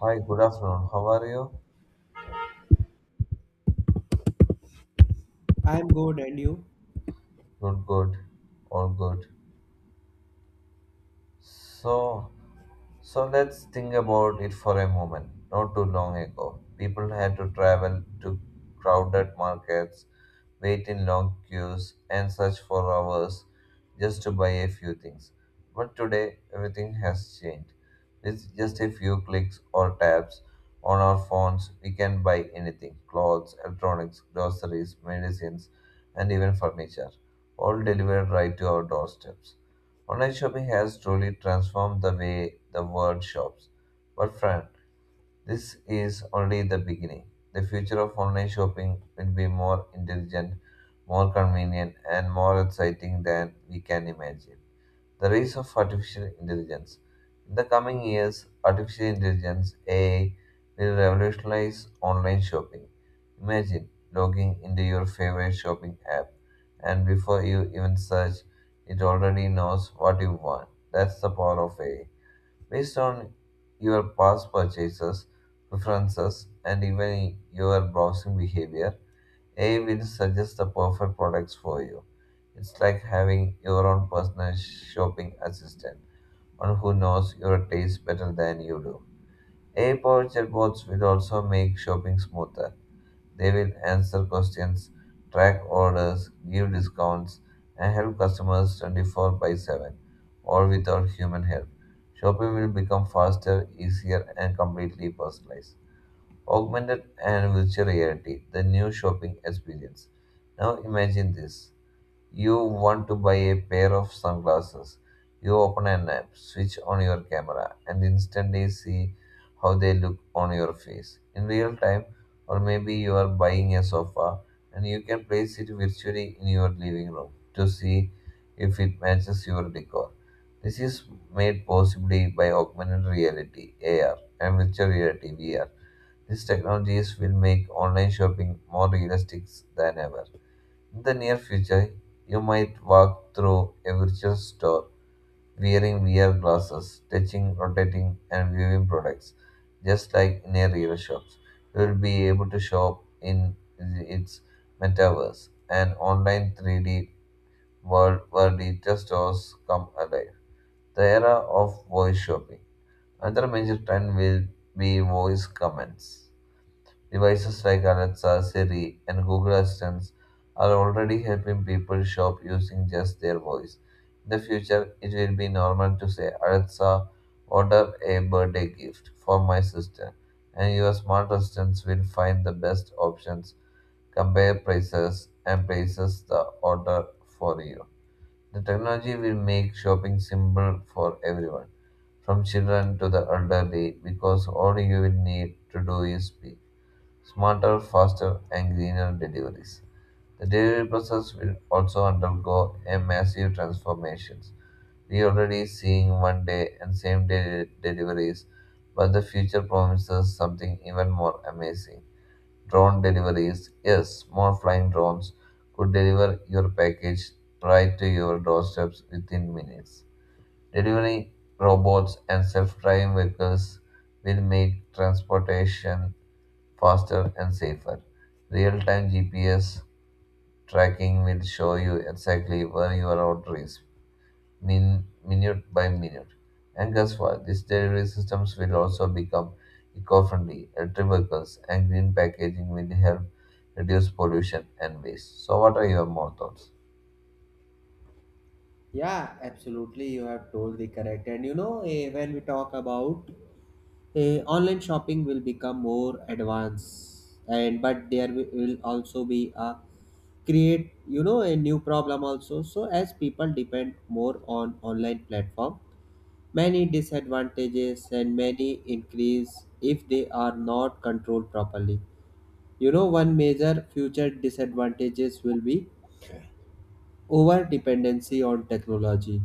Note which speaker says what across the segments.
Speaker 1: Hi, good afternoon. How are you?
Speaker 2: I'm good, and you?
Speaker 1: Good, good. All good. So, so let's think about it for a moment. Not too long ago, people had to travel to crowded markets, wait in long queues, and search for hours just to buy a few things. But today, everything has changed. With just a few clicks or taps on our phones, we can buy anything clothes, electronics, groceries, medicines, and even furniture, all delivered right to our doorsteps. Online shopping has truly transformed the way the world shops. But friend, this is only the beginning. The future of online shopping will be more intelligent, more convenient, and more exciting than we can imagine. The rise of artificial intelligence. In the coming years, artificial intelligence (AI) will revolutionize online shopping. Imagine logging into your favorite shopping app, and before you even search, it already knows what you want. That's the power of AI. Based on your past purchases, preferences, and even your browsing behavior, AI will suggest the perfect products for you. It's like having your own personal shopping assistant, one who knows your taste better than you do. AI powered chatbots will also make shopping smoother. They will answer questions, track orders, give discounts, and help customers 24 by 7, all without human help. Shopping will become faster, easier, and completely personalized. Augmented and virtual reality, the new shopping experience. Now imagine this. You want to buy a pair of sunglasses. You open an app, switch on your camera, and instantly see how they look on your face in real time. Or maybe you are buying a sofa and you can place it virtually in your living room to see if it matches your decor. This is made possibly by augmented reality, AR, and virtual reality, VR, these technologies will make online shopping more realistic than ever. In the near future, you might walk through a virtual store wearing VR glasses, touching, rotating, and viewing products, just like in a real shop. You will be able to shop in its metaverse, an online 3D world where digital stores come alive. The era of voice shopping. Another major trend will be voice commands. Devices like Alexa, Siri, and Google Assistants are already helping people shop using just their voice. In the future, it will be normal to say, "Alexa, order a birthday gift for my sister," and your smart assistants will find the best options, compare prices, and places the order for you. The technology will make shopping simple for everyone, from children to the elderly, because all you will need to do is speak smarter, faster, and greener deliveries. The delivery process will also undergo a massive transformation. We already seeing one day and same day deliveries, but the future promises something even more amazing. Drone deliveries. Yes, small flying drones could deliver your package right to your doorsteps within minutes. Delivery robots and self driving vehicles will make transportation faster and safer. Real time GPS tracking will show you exactly where your order is, minute by minute. And guess what? These delivery systems will also become eco friendly. Electric vehicles and green packaging will help reduce pollution and waste. So, what are your more thoughts?
Speaker 2: Yeah, absolutely. You have told the correct. And you know, when we talk about online shopping, will become more advanced, and but there will also be a create you know a new problem also. So as people depend more on online platform, many disadvantages and many increase if they are not controlled properly. You know, one major future disadvantages will be over dependency on technology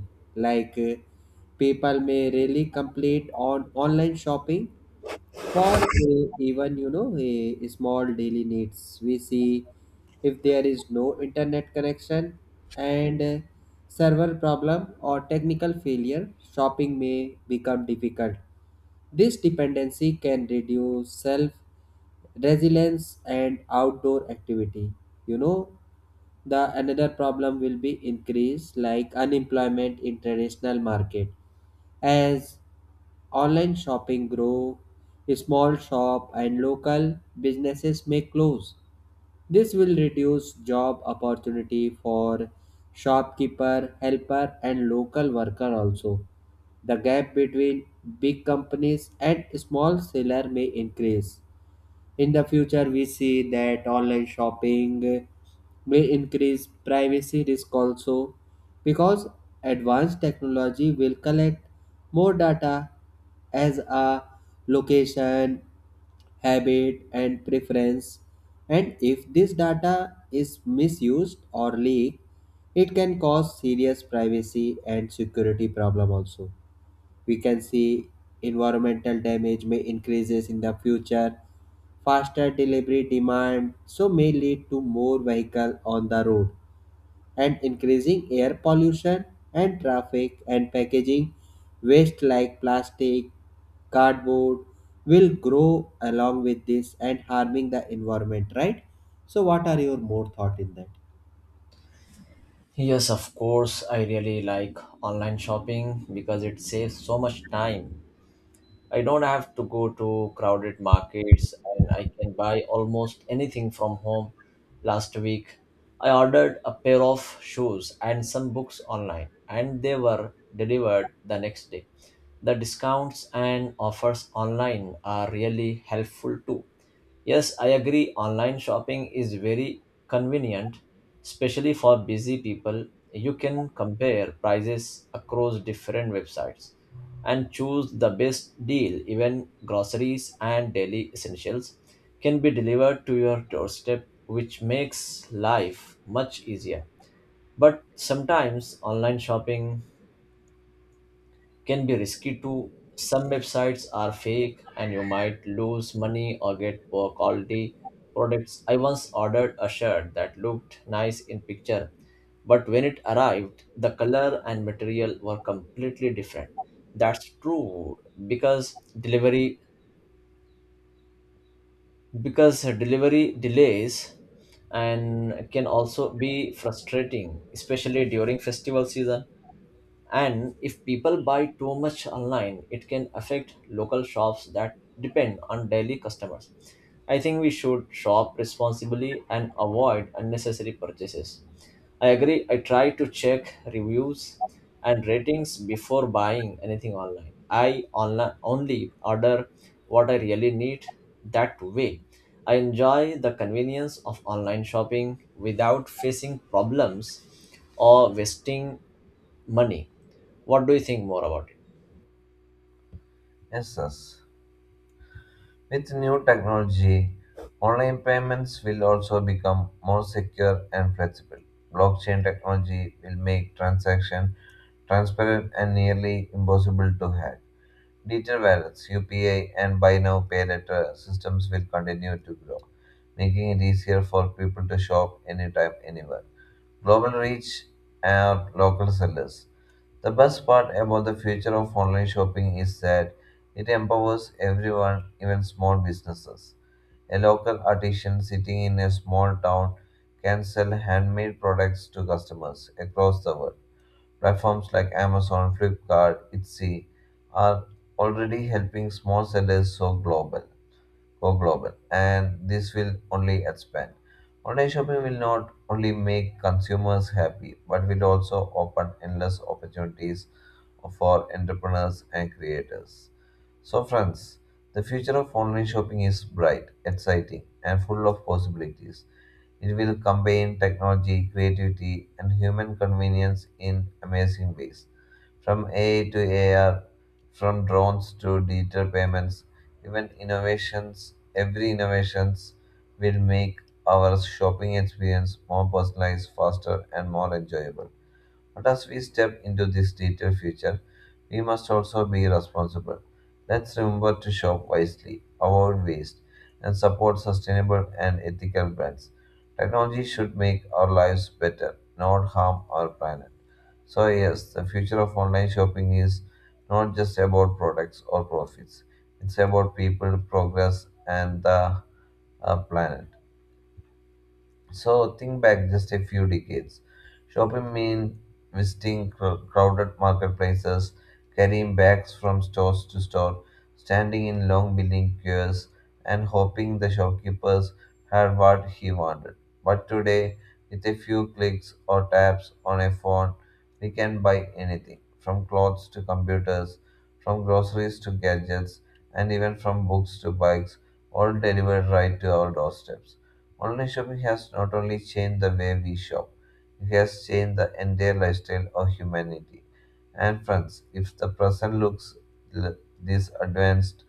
Speaker 2: like people may really complete on online shopping for even you know a small daily needs we see if there is no internet connection and server problem or technical failure shopping may become difficult this dependency can reduce self resilience and outdoor activity. You know, the another problem will be increase like unemployment in traditional market as online shopping grow small shop and local businesses may close this will reduce job opportunity for shopkeeper, helper and local worker also. The gap between big companies and small seller may increase. In the future, we see that online shopping may increase privacy risk also because advanced technology will collect more data as a location, habit, and preference. And if this data is misused or leaked, it can cause serious privacy and security problem also. We can see environmental damage may increases in the future. Faster delivery demand so may lead to more vehicle on the road and increasing air pollution and traffic and packaging waste like plastic, cardboard will grow along with this and harming the environment, right? So what are your more thought in that?
Speaker 3: Yes, of course, I really like online shopping because it saves so much time. I don't have to go to crowded markets and I can buy almost anything from home. Last week, I ordered a pair of shoes and some books online, and they were delivered the next day. The discounts and offers online are really helpful too. Yes, I agree. Online shopping is very convenient, especially for busy people. You can compare prices across different websites and choose the best deal. Even groceries and daily essentials can be delivered to your doorstep, which makes life much easier. But sometimes online shopping can be risky too. Some websites are fake and you might lose money or get poor quality products. I once ordered a shirt that looked nice in picture, but when it arrived, the color and material were completely different. That's true because delivery because delivery delays and can also be frustrating, especially during festival season. And if people buy too much online, it can affect local shops that depend on daily customers. I think we should shop responsibly and avoid unnecessary purchases. I agree, I try to check reviews and ratings before buying anything online. I only order what I really need that way. I enjoy the convenience of online shopping without facing problems or wasting money. What do you think more about it?
Speaker 1: Yes, yes. With new technology, online payments will also become more secure and flexible. Blockchain technology will make transactions transparent and nearly impossible to hack. Digital wallets, UPI, and buy now pay later systems will continue to grow, making it easier for people to shop anytime, anywhere. Global reach and local sellers. The best part about the future of online shopping is that it empowers everyone, even small businesses. A local artisan sitting in a small town can sell handmade products to customers across the world. Platforms like Amazon, Flipkart, Etsy are already helping small sellers so global go global, and this will only expand. Online shopping will not only make consumers happy, but will also open endless opportunities for entrepreneurs and creators. So, friends, the future of online shopping is bright, exciting, and full of possibilities. It will combine technology, creativity, and human convenience in amazing ways. From AI to AR, from drones to digital payments, even innovations, every innovations will make our shopping experience more personalized, faster, and more enjoyable. But as we step into this digital future, we must also be responsible. Let's remember to shop wisely, avoid waste, and support sustainable and ethical brands. Technology should make our lives better, not harm our planet. So, yes, the future of online shopping is not just about products or profits, it's about people, progress, and the planet. So think back just a few decades. Shopping meant visiting crowded marketplaces, carrying bags from stores to store, standing in long billing queues, and hoping the shopkeepers had what he wanted. But today, with a few clicks or taps on a phone, we can buy anything from clothes to computers, from groceries to gadgets, and even from books to bikes, all delivered right to our doorsteps. Online shopping has not only changed the way we shop, it has changed the entire lifestyle of humanity. And friends, if the present looks this advanced,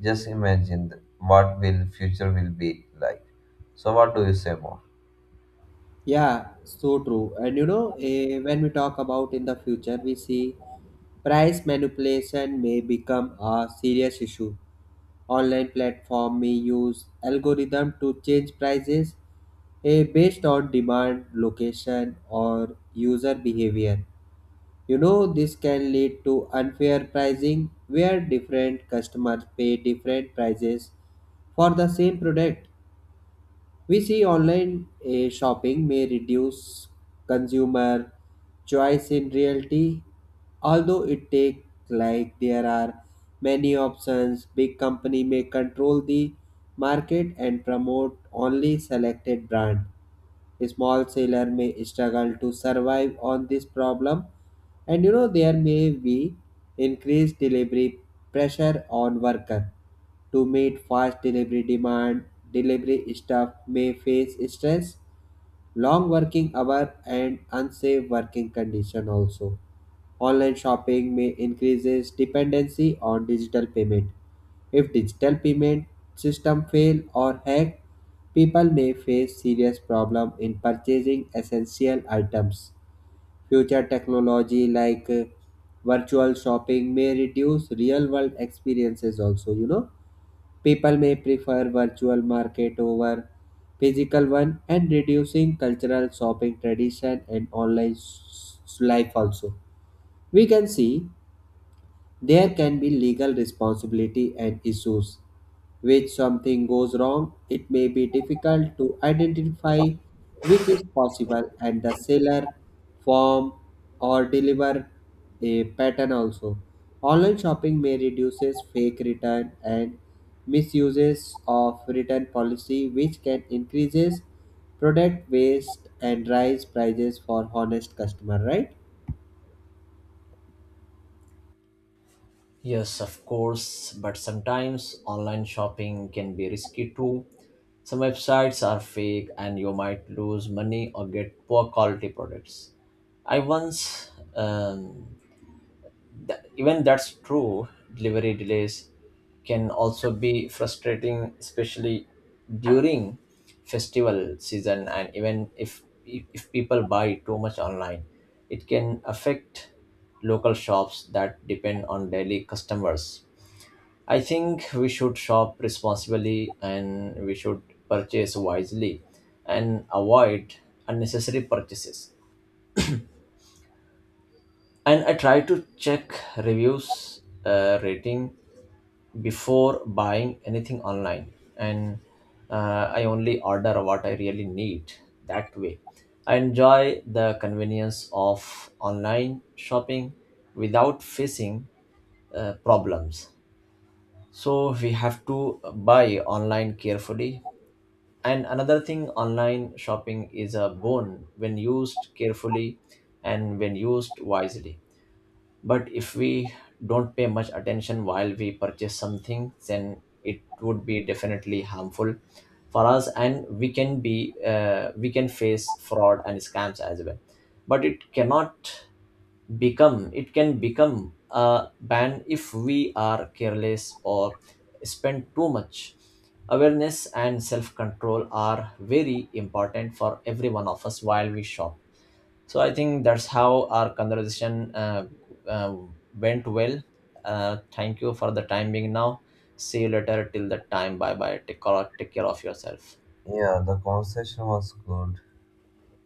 Speaker 1: just imagine what will future will be like. So what do you say more?
Speaker 2: Yeah, so true. And you know, when we talk about in the future, we see price manipulation may become a serious issue. Online platform may use algorithm to change prices based on demand, location, or user behavior. You know, this can lead to unfair pricing where different customers pay different prices for the same product. We see online shopping may reduce consumer choice in reality, although it take like there are many options. Big company may control the market and promote only selected brand small sailor may struggle to survive on this problem, and you know there may be increased delivery pressure on worker to meet fast delivery demand. Delivery staff may face stress, long working hour, and unsafe working condition also. Online shopping may increases dependency on digital payment. If digital payment system fail or hack, people may face serious problem in purchasing essential items. Future technology like virtual shopping may reduce real world experiences also, you know. People may prefer virtual market over physical one and reducing cultural shopping tradition and online life also. We can see there can be legal responsibility and issues. When something goes wrong, it may be difficult to identify which is possible and the seller, form, or deliver a pattern also. Online shopping may reduces fake return and misuses of return policy which can increases product waste and rise prices for honest customer, right?
Speaker 3: Yes, of course, but sometimes online shopping can be risky too. Some websites are fake and you might lose money or get poor quality products. I once um, Even that's true, delivery delays can also be frustrating, especially during festival season. And even if people buy too much online, it can affect local shops that depend on daily customers. I think we should shop responsibly and we should purchase wisely and avoid unnecessary purchases. And I try to check reviews, rating, before buying anything online and I only order what I really need that way I enjoy the convenience of online shopping without facing problems, so we have to buy online carefully. And another thing, online shopping is a boon when used carefully and when used wisely, but if we don't pay much attention while we purchase something, then it would be definitely harmful for us and we can face fraud and scams as well. But it can become a ban if we are careless or spend too much. Awareness and self control are very important for every one of us while we shop. So I think that's how our conversation uh, went well. Thank you for the time being now. See you later till that time. Bye bye. Take care of yourself.
Speaker 1: Yeah, the conversation was good.